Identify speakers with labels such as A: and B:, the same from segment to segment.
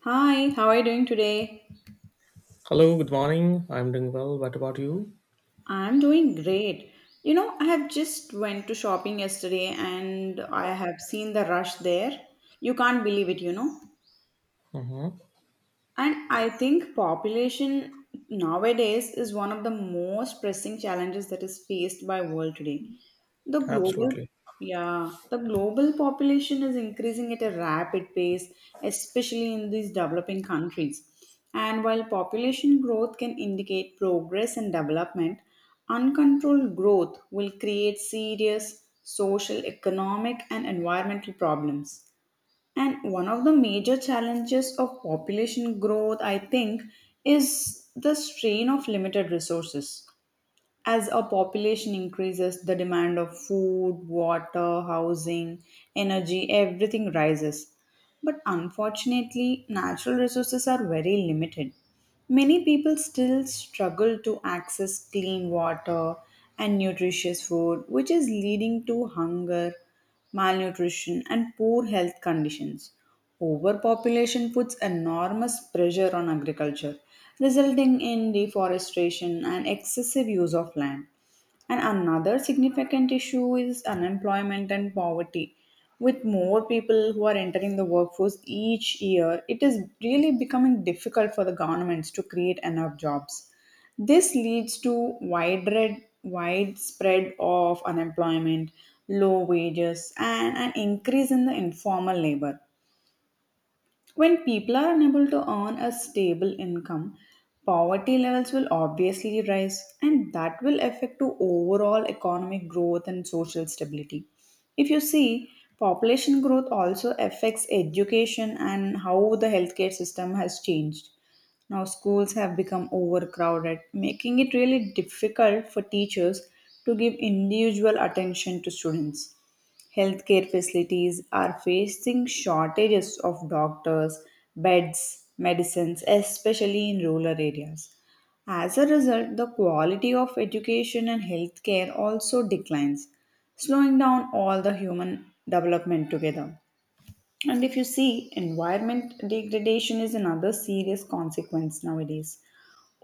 A: Hi, how are you doing today?
B: Hello, good morning. I'm doing well. What about you?
A: I'm doing great. I have just went to shopping yesterday and I have seen the rush there. You can't believe it.
B: Uh-huh.
A: And I think population nowadays is one of the most pressing challenges that is faced by world today. The global
B: Absolutely.
A: yeah, the global population is increasing at a rapid pace, especially in these developing countries. And while population growth can indicate progress and development, uncontrolled growth will create serious social, economic, and environmental problems. And one of the major challenges of population growth, I think, is the strain of limited resources. As a population increases, the demand of food, water, housing, energy, everything rises. But unfortunately, natural resources are very limited. Many people still struggle to access clean water and nutritious food, which is leading to hunger, malnutrition, and poor health conditions. Overpopulation puts enormous pressure on agriculture, resulting in deforestation and excessive use of land. And another significant issue is unemployment and poverty. With more people who are entering the workforce each year, it is really becoming difficult for the governments to create enough jobs. This leads to widespread of unemployment, low wages, and an increase in the informal labor. When people are unable to earn a stable income, poverty levels will obviously rise and that will affect to overall economic growth and social stability. If you see, population growth also affects education and how the healthcare system has changed. Now schools have become overcrowded, making it really difficult for teachers to give individual attention to students. Healthcare facilities are facing shortages of doctors, beds, medicines, especially in rural areas. As a result, the quality of education and healthcare also declines, slowing down all the human development together. And if you see, environment degradation is another serious consequence nowadays.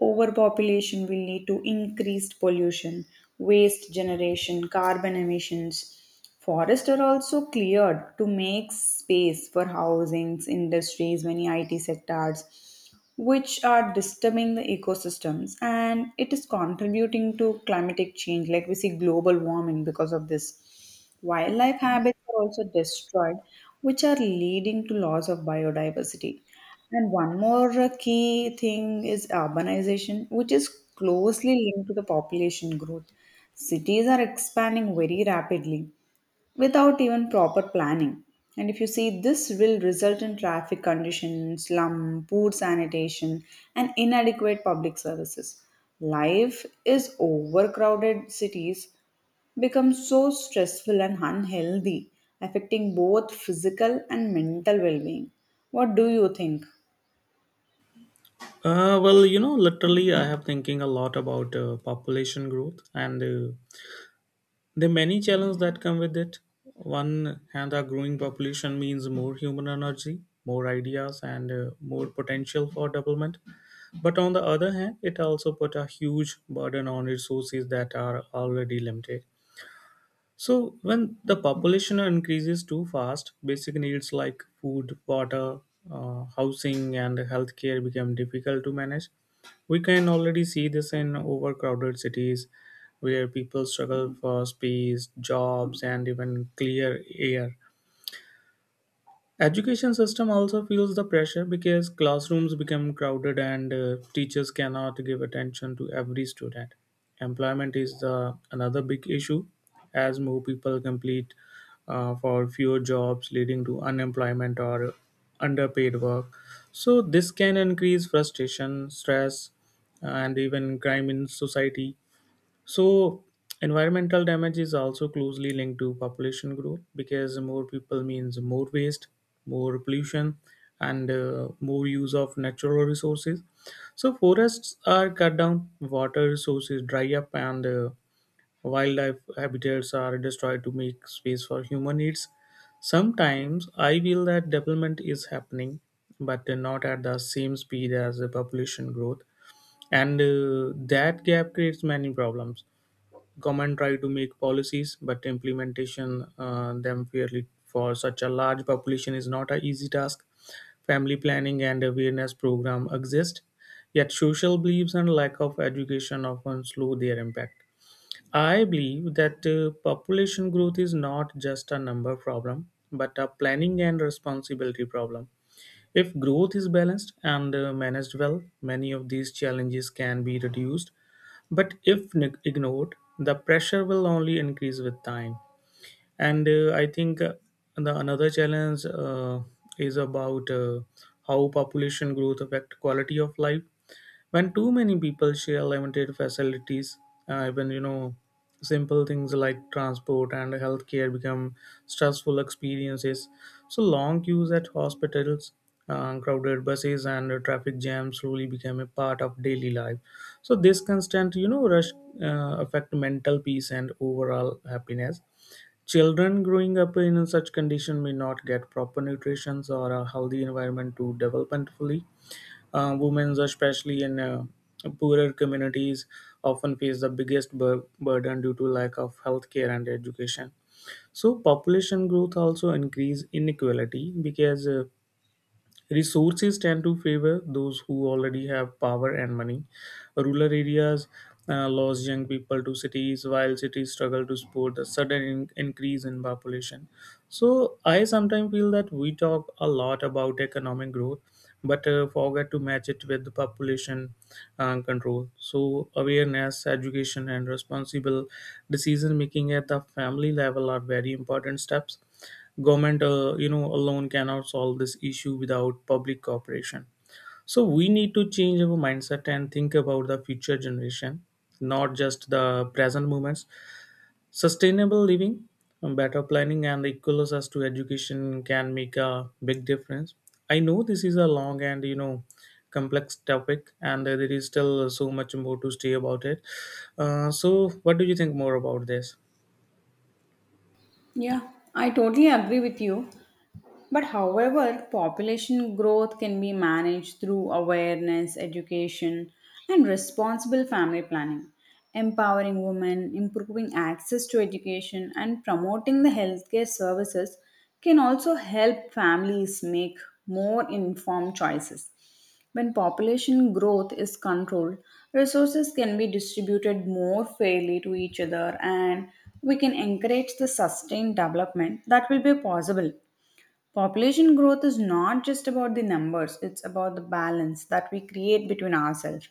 A: Overpopulation will lead to increased pollution, waste generation, carbon emissions. Forests are also cleared to make space for housings, industries, many IT sectors, which are disturbing the ecosystems and it is contributing to climatic change. Like we see global warming because of this. Wildlife habits are also destroyed, which are leading to loss of biodiversity. And one more key thing is urbanization, which is closely linked to the population growth. Cities are expanding very rapidly without even proper planning. And if you see, this will result in traffic conditions, slum, poor sanitation, and inadequate public services. Life is overcrowded cities becomes so stressful and unhealthy, affecting both physical and mental well being. What do you think?
B: Well, literally, I have thinking a lot about population growth and the many challenges that come with it. One hand, a growing population means more human energy, more ideas, and more potential for development. But on the other hand, it also put a huge burden on resources that are already limited. So when the population increases too fast, basic needs like food, water, housing, and healthcare become difficult to manage. We can already see this in overcrowded cities, where people struggle for space, jobs, and even clear air. Education system also feels the pressure because classrooms become crowded and teachers cannot give attention to every student. Employment is the another big issue as more people complete for fewer jobs leading to unemployment or underpaid work. So this can increase frustration, stress and even crime in society. So, environmental damage is also closely linked to population growth because more people means more waste, more pollution, and more use of natural resources. So, forests are cut down, water resources dry up, and wildlife habitats are destroyed to make space for human needs. Sometimes I feel that development is happening, but not at the same speed as the population growth, and that gap creates many problems. Government try to make policies, but implementation them fairly for such a large population is not an easy task. Family planning and awareness program exist, yet social beliefs and lack of education often slow their impact. I believe that population growth is not just a number problem, but a planning and responsibility problem. If growth is balanced and managed well, many of these challenges can be reduced. But if ignored, the pressure will only increase with time. And I think the another challenge is about how population growth affect quality of life when too many people share limited facilities, even you know simple things like transport and healthcare become stressful experiences. So long queues at hospitals, crowded buses and traffic jams slowly become a part of daily life. So this constant, you know, rush affect mental peace and overall happiness. Children growing up in such condition may not get proper nutrition or a healthy environment to develop and fully. Women, especially in poorer communities, often face the biggest burden due to lack of healthcare and education. So population growth also increase inequality because resources tend to favor those who already have power and money. Rural areas lose young people to cities, while cities struggle to support the sudden increase in population. So, I sometimes feel that we talk a lot about economic growth, but forget to match it with the population control. So, awareness, education, and responsible decision making at the family level are very important steps. Government you know alone cannot solve this issue without public cooperation. So we need to change our mindset and think about the future generation, not just the present moments. Sustainable living, better planning, and equal access to education can make a big difference. I know this is a long and, you know, complex topic and there is still so much more to say about it. So what do you think more about this?
A: Yeah, I totally agree with you. But however, population growth can be managed through awareness, education, and responsible family planning, empowering women, improving access to education, and promoting the healthcare services can also help families make more informed choices. When population growth is controlled, resources can be distributed more fairly to each other and we can encourage the sustained development that will be possible. Population growth is not just about the numbers, it's about the balance that we create between ourselves.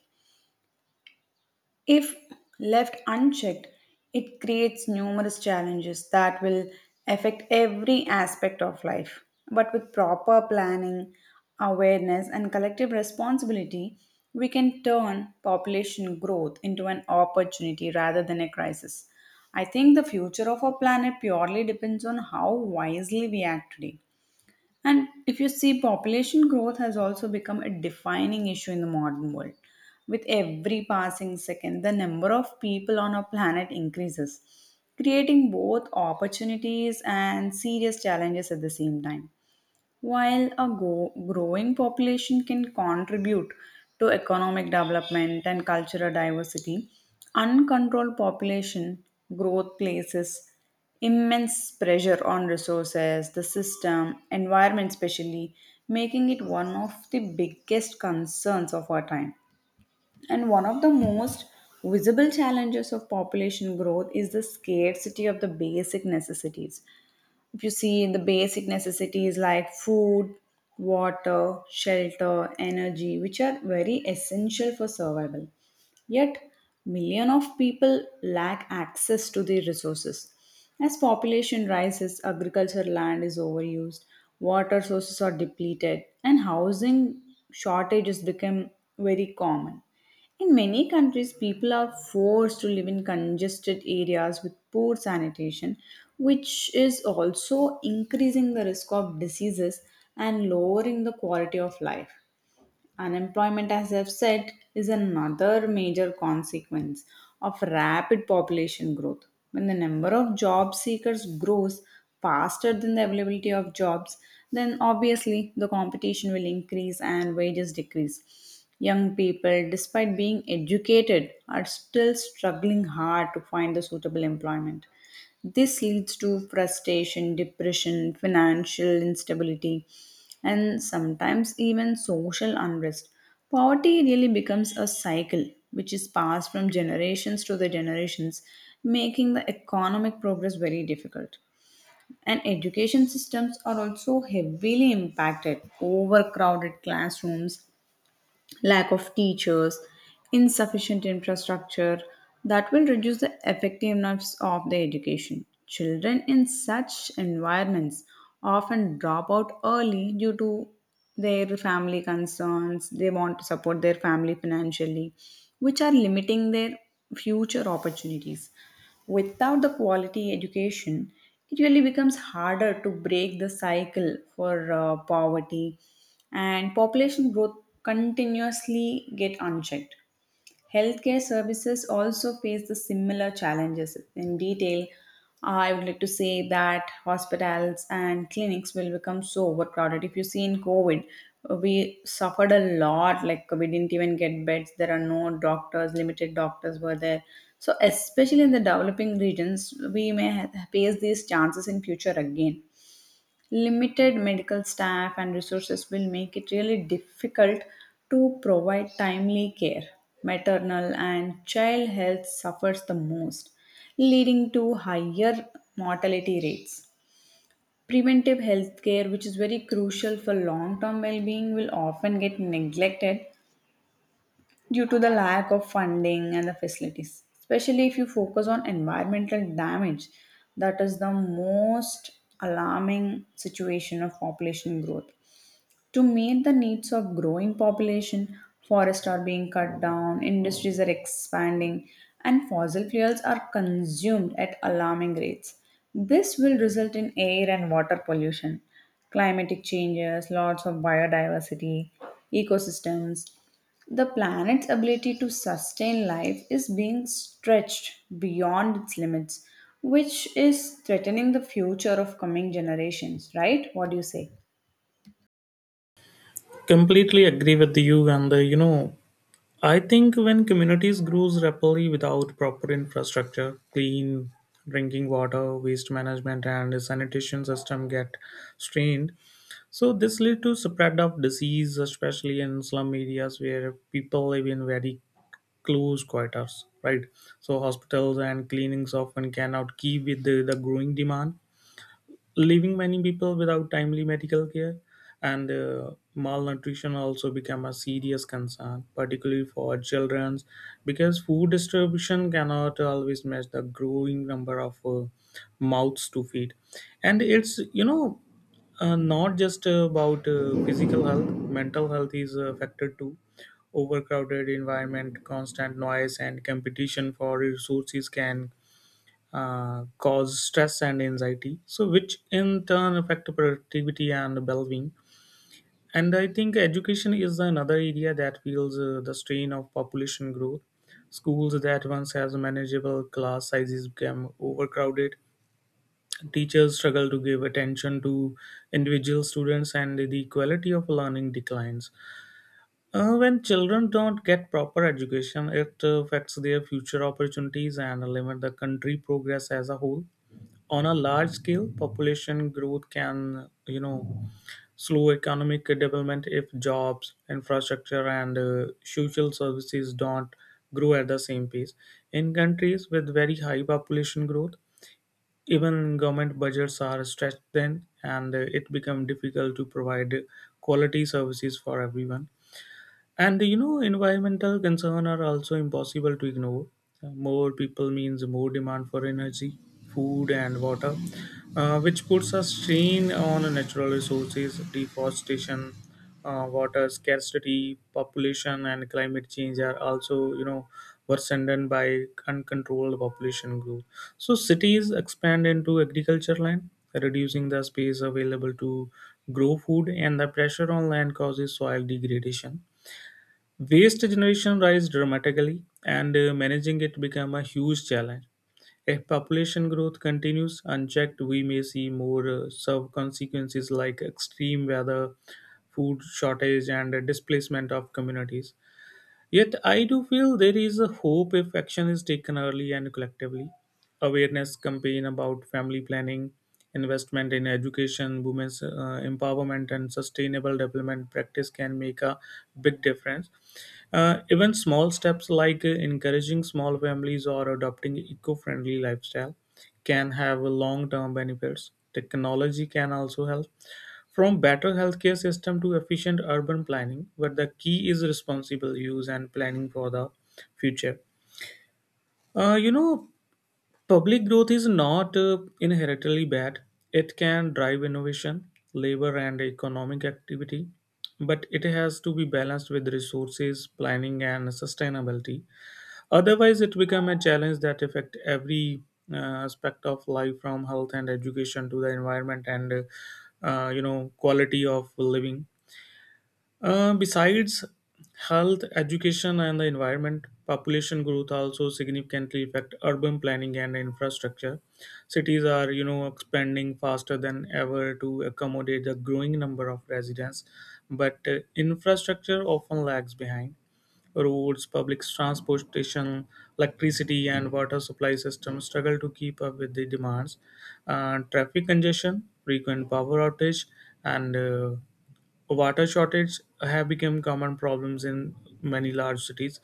A: If left unchecked, it creates numerous challenges that will affect every aspect of life. But with proper planning, awareness, and collective responsibility, we can turn population growth into an opportunity rather than a crisis. I think the future of our planet purely depends on how wisely we act today. And if you see, population growth has also become a defining issue in the modern world. With every passing second, the number of people on our planet increases, creating both opportunities and serious challenges at the same time. While a growing population can contribute to economic development and cultural diversity, uncontrolled population growth places immense pressure on resources, the system, environment, especially, making it one of the biggest concerns of our time. And one of the most visible challenges of population growth is the scarcity of the basic necessities if you see in the basic necessities like food, water, shelter, energy, which are very essential for survival. Yet, millions of people lack access to the resources. As population rises, agricultural land is overused, water sources are depleted, and housing shortages become very common. In many countries, people are forced to live in congested areas with poor sanitation, which is also increasing the risk of diseases and lowering the quality of life. Unemployment, as I've said, is another major consequence of rapid population growth. When the number of job seekers grows faster than the availability of jobs, then obviously the competition will increase and wages decrease. Young people, despite being educated, are still struggling hard to find the suitable employment. This leads to frustration, depression, financial instability, and sometimes even social unrest. Poverty really becomes a cycle which is passed from generations to the generations, making the economic progress very difficult. And education systems are also heavily impacted. Overcrowded classrooms, lack of teachers, insufficient infrastructure that will reduce the effectiveness of the education. Children in such environments often drop out early due to their family concerns. They want to support their family financially, which are limiting their future opportunities. Without the quality education, it really becomes harder to break the cycle for poverty and population growth continuously get unchecked. Healthcare services also face the similar challenges. In detail, I would like to say that hospitals and clinics will become so overcrowded. If you see in COVID, we suffered a lot, like we didn't even get beds, there are no doctors, limited doctors were there. So, especially in the developing regions, we may face these chances in future again. Limited medical staff and resources will make it really difficult to provide timely care. Maternal and child health suffers the most, leading to higher mortality rates. Preventive health care, which is very crucial for long term well being, will often get neglected due to the lack of funding and the facilities, especially if you focus on environmental damage. That is the most alarming situation of population growth. To meet the needs of growing population, forests are being cut down, industries are expanding, and fossil fuels are consumed at alarming rates. This will result in air and water pollution, climatic changes, loss of biodiversity, ecosystems. The planet's ability to sustain life is being stretched beyond its limits, which is threatening the future of coming generations, right? What do you say?
B: Completely agree with you and you know I think when communities grows rapidly without proper infrastructure, clean drinking water, waste management, and sanitation system get strained. So this lead to spread of disease, especially in slum areas where people live in very close quarters. Right, so hospitals and clinics often cannot keep with the growing demand, leaving many people without timely medical care, and malnutrition also become a serious concern, particularly for children, because food distribution cannot always match the growing number of mouths to feed. And it's, you know, not just about physical health. Mental health is affected too. Overcrowded environment, constant noise, and competition for resources can cause stress and anxiety, so which in turn affect productivity and well-being. And I think education is another area that feels the strain of population growth. Schools that once has manageable class sizes become overcrowded. Teachers struggle to give attention to individual students, and the quality of learning declines. When children don't get proper education, it affects their future opportunities and limit the country progress as a whole. On a large scale, population growth can, you know, slow economic development if jobs, infrastructure, and social services don't grow at the same pace. In countries with very high population growth, even government budgets are stretched thin, and it becomes difficult to provide quality services for everyone. And, you know, environmental concern are also impossible to ignore. More people means more demand for energy, food, and water, which puts a strain on natural resources. Deforestation, water scarcity, population, and climate change are also, you know, worsened by uncontrolled population growth. So cities expand into agriculture land, reducing the space available to grow food, and the pressure on land causes soil degradation. Waste generation rise dramatically, and managing it become a huge challenge. If population growth continues unchecked, we may see more severe consequences like extreme weather, food shortage, and displacement of communities. Yet, I do feel there is a hope if action is taken early and collectively. Awareness campaign about family planning, investment in education, women's empowerment, and sustainable development practice can make a big difference. Even small steps like encouraging small families or adopting eco-friendly lifestyle can have long-term benefits. Technology can also help, from better healthcare system to efficient urban planning. But the key is responsible use and planning for the future. You know, public growth is not inherently bad. It can drive innovation, labor, and economic activity, but it has to be balanced with resources, planning, and sustainability. Otherwise, it becomes a challenge that affects every uh, aspect of life, from health and education to the environment and you know quality of living. Besides health, education, and the environment, population growth also significantly affect urban planning and infrastructure. Cities are, you know, expanding faster than ever to accommodate the growing number of residents, but infrastructure often lags behind. Roads, public transportation, electricity, and water supply systems struggle to keep up with the demands. Traffic congestion, frequent power outage, and water shortage have become common problems in many large cities.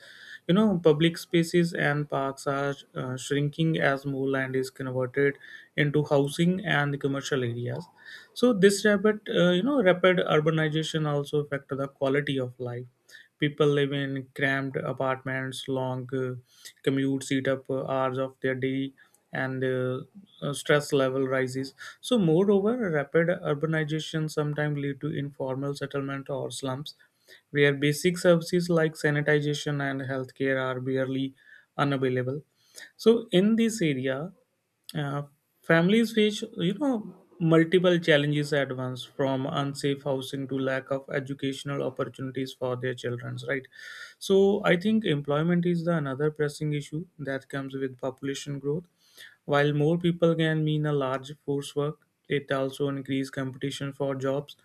B: You know, public spaces and parks are shrinking as more land is converted into housing and commercial areas. So this rapid, rapid urbanization also affect the quality of life. People live in cramped apartments, long commutes eat up hours of their day, and stress level rises. So, moreover, rapid urbanization sometimes lead to informal settlement or slums, where basic services like sanitation and healthcare are barely unavailable. So, in this area, uh, families face, you know, multiple challenges at once, from unsafe housing to lack of educational opportunities for their children. Right. So I think employment is the another pressing issue that comes with population growth. While more people can mean a large force work, it also increases competition for jobs.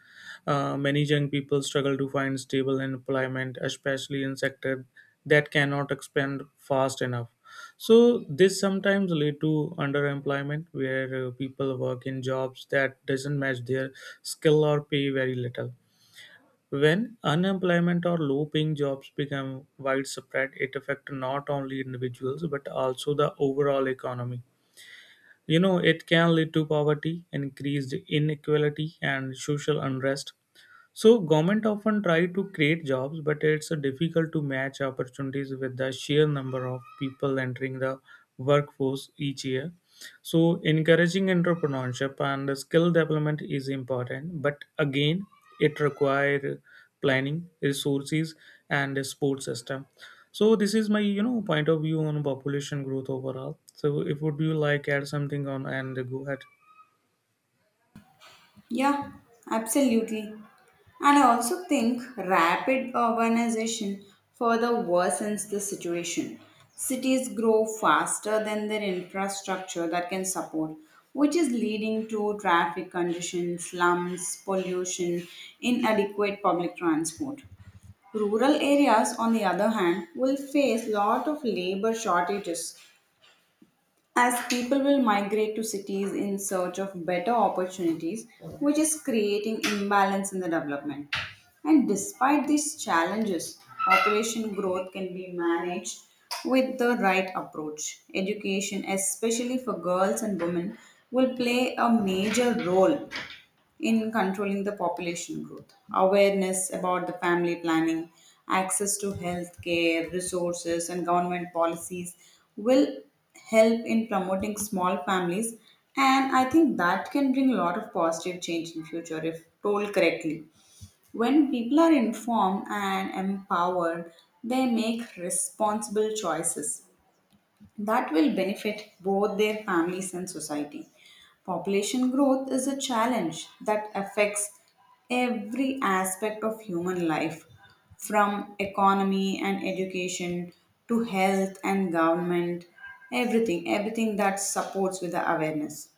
B: Many young people struggle to find stable employment, especially in sectors that cannot expand fast enough. So this sometimes lead to underemployment, where people work in jobs that doesn't match their skill or pay very little. When unemployment or low-paying jobs become widespread, it affects not only individuals but also the overall economy. You know, it can lead to poverty, increased inequality, and social unrest. So government often try to create jobs, but it's difficult to match opportunities with the sheer number of people entering the workforce each year. So encouraging entrepreneurship and skill development is important, but again, it requires planning, resources, and a support system. So this is my, you know, point of view on population growth overall. So if would you like add something on and go ahead.
A: Yeah, absolutely. And I also think rapid urbanization further worsens the situation. Cities grow faster than their infrastructure that can support, which is leading to traffic conditions, slums, pollution, inadequate public transport. Rural areas, on the other hand, will face lot of labor shortages as people will migrate to cities in search of better opportunities, which is creating imbalance in the development. And despite these challenges, population growth can be managed with the right approach. Education, especially for girls and women, will play a major role in controlling the population growth. Awareness about the family planning, access to health care, resources, and government policies will help in promoting small families. And I think that can bring a lot of positive change in future if told correctly. When people are informed and empowered, they make responsible choices that will benefit both their families and society. Population growth is a challenge that affects every aspect of human life, from economy and education to health and government, everything, everything that supports with the awareness.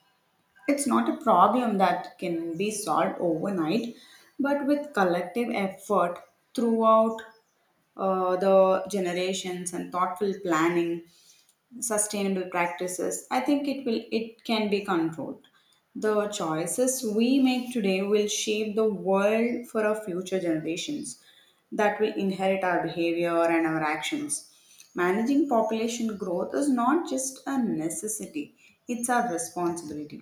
A: It's not a problem that can be solved overnight, but with collective effort throughout the generations and thoughtful planning sustainable practices, I think it can be controlled. The choices we make today will shape the world for our future generations that will inherit our behavior and our actions. Managing population growth is not just a necessity, it's our responsibility.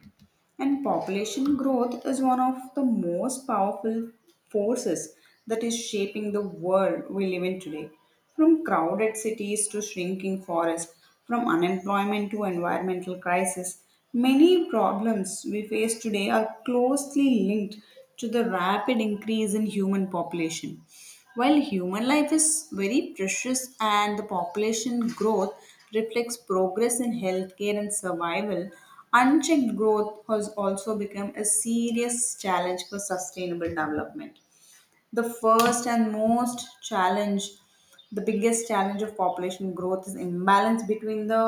A: And population growth is one of the most powerful forces that is shaping the world we live in today. From crowded cities to shrinking forests, from unemployment to environmental crisis, many problems we face today are closely linked to the rapid increase in human population. While human life is very precious and the population growth reflects progress in healthcare and survival, unchecked growth has also become a serious challenge for sustainable development. The first and most challenge, the biggest challenge of population growth is imbalance between the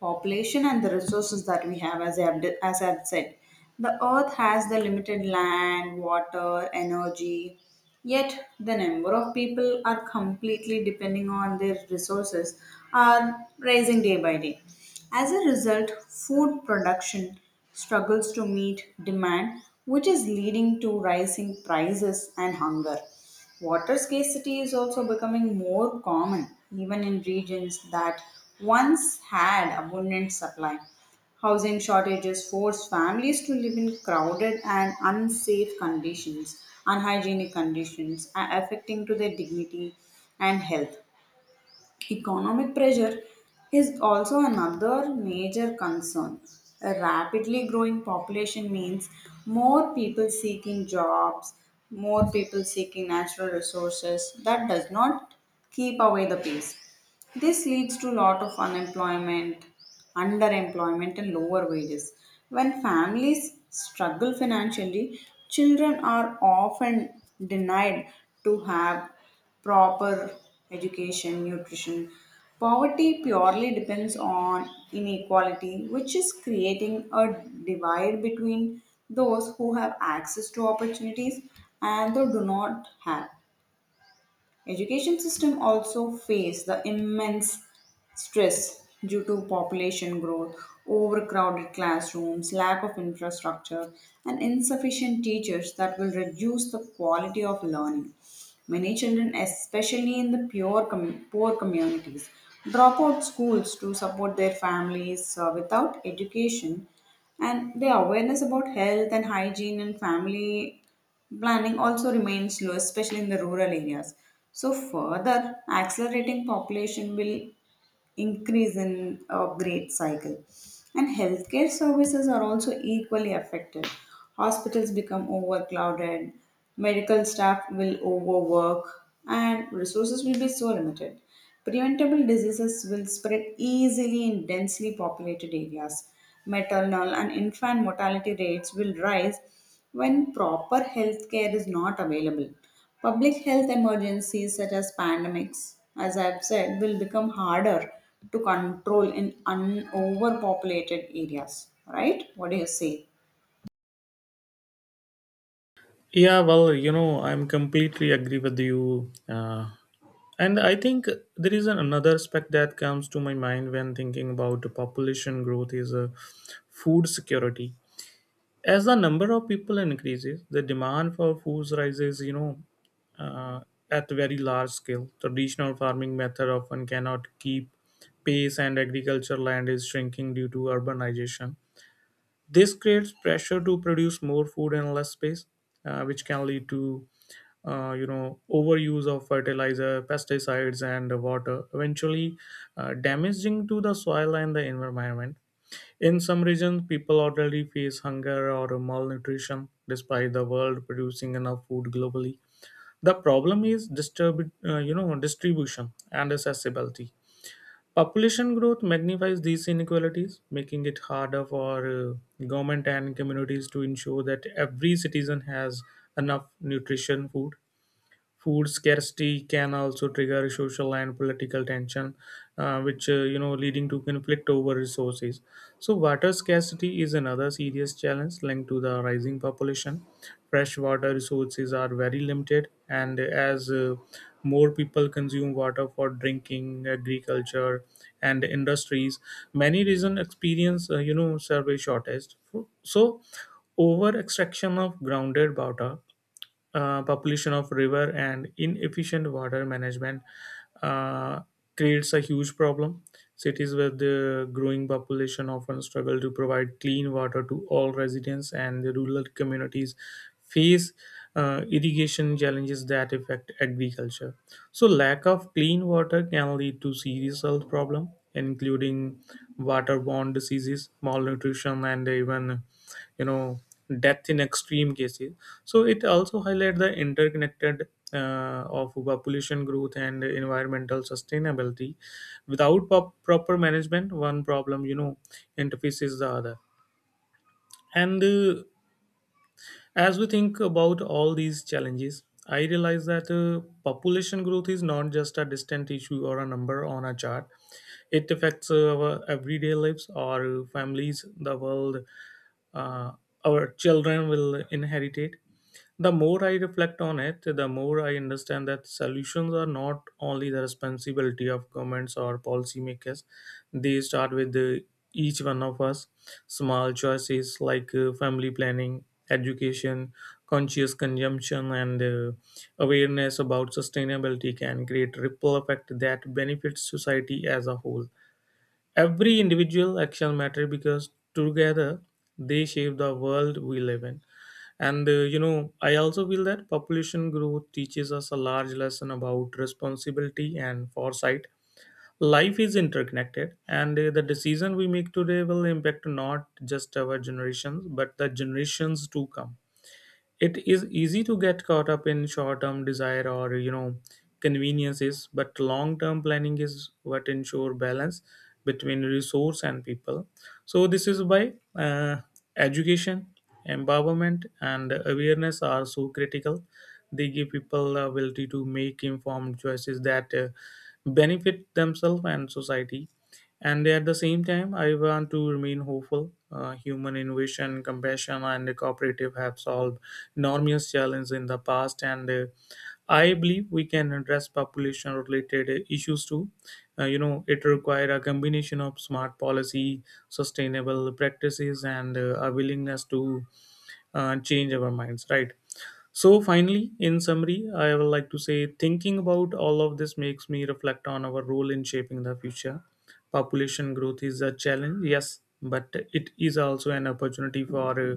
A: population and the resources that we have, as I have said. The earth has the limited land, water, energy, yet the number of people are completely depending on their resources are rising day by day. As a result, food production struggles to meet demand, which is leading to rising prices and hunger. Water scarcity is also becoming more common, even in regions that once had abundant supply. Housing shortages force families to live in crowded and unsafe conditions, unhygienic conditions, affecting to their dignity and health. Economic pressure is also another major concern. A rapidly growing population means more people seeking jobs, more people seeking natural resources. That does not keep away the peace. This leads to a lot of unemployment, underemployment, and lower wages. When families struggle financially, children are often denied to have proper education, nutrition. Poverty purely depends on inequality, which is creating a divide between those who have access to opportunities and those do not have. Education system also face the immense stress due to population growth, overcrowded classrooms, lack of infrastructure, and insufficient teachers that will reduce the quality of learning. Many children, especially in the poor communities, drop out schools to support their families without education and the awareness about health and hygiene and family planning also remains slow, especially in the rural areas. So, further accelerating population will increase in a great cycle. And healthcare services are also equally affected. Hospitals become overcrowded, medical staff will overwork, and resources will be so limited. Preventable diseases will spread easily in densely populated areas. Maternal and infant mortality rates will rise when proper health care is not available. Public health emergencies such as pandemics, as I've said, will become harder to control in overpopulated areas. Right? What do you say?
B: Yeah, well, you know, I'm completely agree with you. And I think there is another aspect that comes to my mind when thinking about the population growth is food security. As the number of people increases, the demand for food rises, you know, uh, at very large scale. Traditional farming method often cannot keep pace and agriculture land is shrinking due to urbanization. This creates pressure to produce more food in less space, which can lead to you know overuse of fertilizer, pesticides, and water, eventually damaging to the soil and the environment. In some regions, people already face hunger or malnutrition, despite the world producing enough food globally. The problem is distribution and accessibility. Population growth magnifies these inequalities, making it harder for government and communities to ensure that every citizen has enough nutrition food. Food scarcity can also trigger social and political tension, which leading to conflict over resources. So water scarcity is another serious challenge linked to the rising population. Fresh water resources are very limited, and as more people consume water for drinking, agriculture, and industries, many regions experience survey shortage. So over extraction of grounded water, population of river and inefficient water management uh, creates a huge problem. Cities with the growing population often struggle to provide clean water to all residents, and the rural communities face irrigation challenges that affect agriculture. So, lack of clean water can lead to serious health problems, including waterborne diseases, malnutrition, and even you know death in extreme cases. So it also highlight the interconnected of population growth and environmental sustainability without proper management. One problem interfaces the other. And as we think about all these challenges, I realize that population growth is not just a distant issue or a number on a chart. It affects our everyday lives, our families, the world, uh, our children will inherit it. The more I reflect on it, the more I understand that solutions are not only the responsibility of governments or policymakers. They start with each one of us. Small choices like family planning, education, conscious consumption, and awareness about sustainability can create ripple effect that benefits society as a whole. Every individual action matters because together they shape the world we live in. And I also feel that population growth teaches us a large lesson about responsibility and foresight. Life is interconnected, and the decision we make today will impact not just our generations, but the generations to come. It is easy to get caught up in short term desire or conveniences, but long term planning is what ensure balance between resource and people. So this is why education, empowerment and awareness are so critical. They give people the ability to make informed choices that benefit themselves and society. And at the same time, I want to remain hopeful. Human innovation, compassion, and cooperative have solved enormous challenges in the past, and I believe we can address population-related issues too. It requires a combination of smart policy, sustainable practices, and a willingness to and change our minds, right? So finally, in summary, I would like to say, thinking about all of this makes me reflect on our role in shaping the future. Population growth is a challenge, yes, but it is also an opportunity for uh,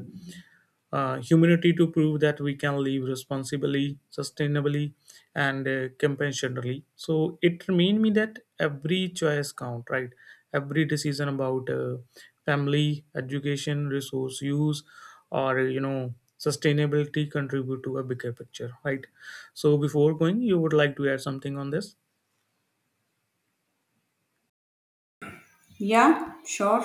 B: uh, humanity to prove that we can live responsibly, sustainably, and compassionately. So it remind me that every choice count, right? Every decision about family, education, resource use, or sustainability contribute to a bigger picture, right? So before going, you would like to add something on this?
A: Yeah, sure.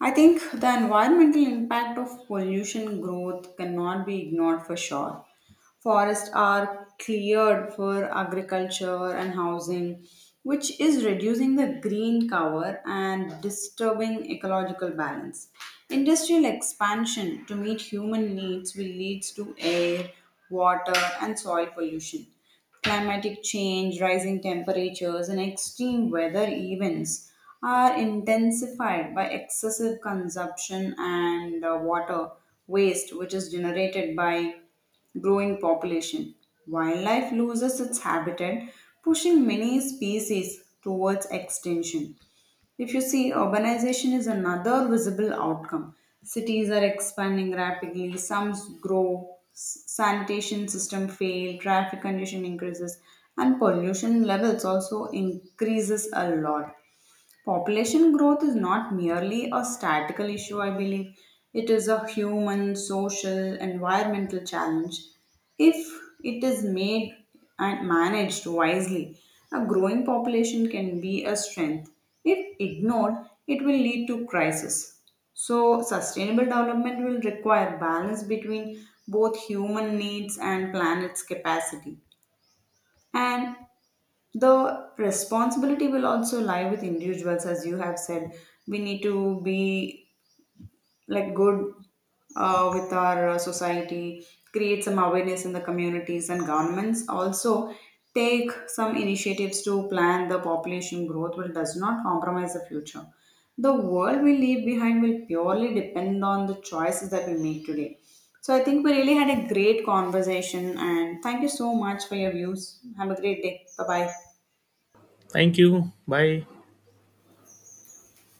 A: I think the environmental impact of pollution growth cannot be ignored for sure. Forests are cleared for agriculture and housing, which is reducing the green cover and disturbing ecological balance. Industrial expansion to meet human needs will lead to air, water, and soil pollution. Climatic change, rising temperatures, and extreme weather events are intensified by excessive consumption and water waste, which is generated by growing population. Wildlife loses its habitat, pushing many species towards extinction. If you see, urbanization is another visible outcome. Cities are expanding rapidly, grow, sanitation system fail, traffic condition increases, and pollution levels also increases a lot. Population growth is not merely a statistical issue, I believe. It is a human, social, environmental challenge. If it is made and managed wisely, a growing population can be a strength. If ignored, it will lead to crisis. So, sustainable development will require balance between both human needs and planet's capacity. And the responsibility will also lie with individuals. As you have said, we need to be like good with our society, create some awareness in the communities and governments also take some initiatives to plan the population growth which does not compromise the future. The world we leave behind will purely depend on the choices that we make today. So I think we really had a great conversation and thank you so much for your views. Have a great day. Bye bye.
B: Thank you. Bye.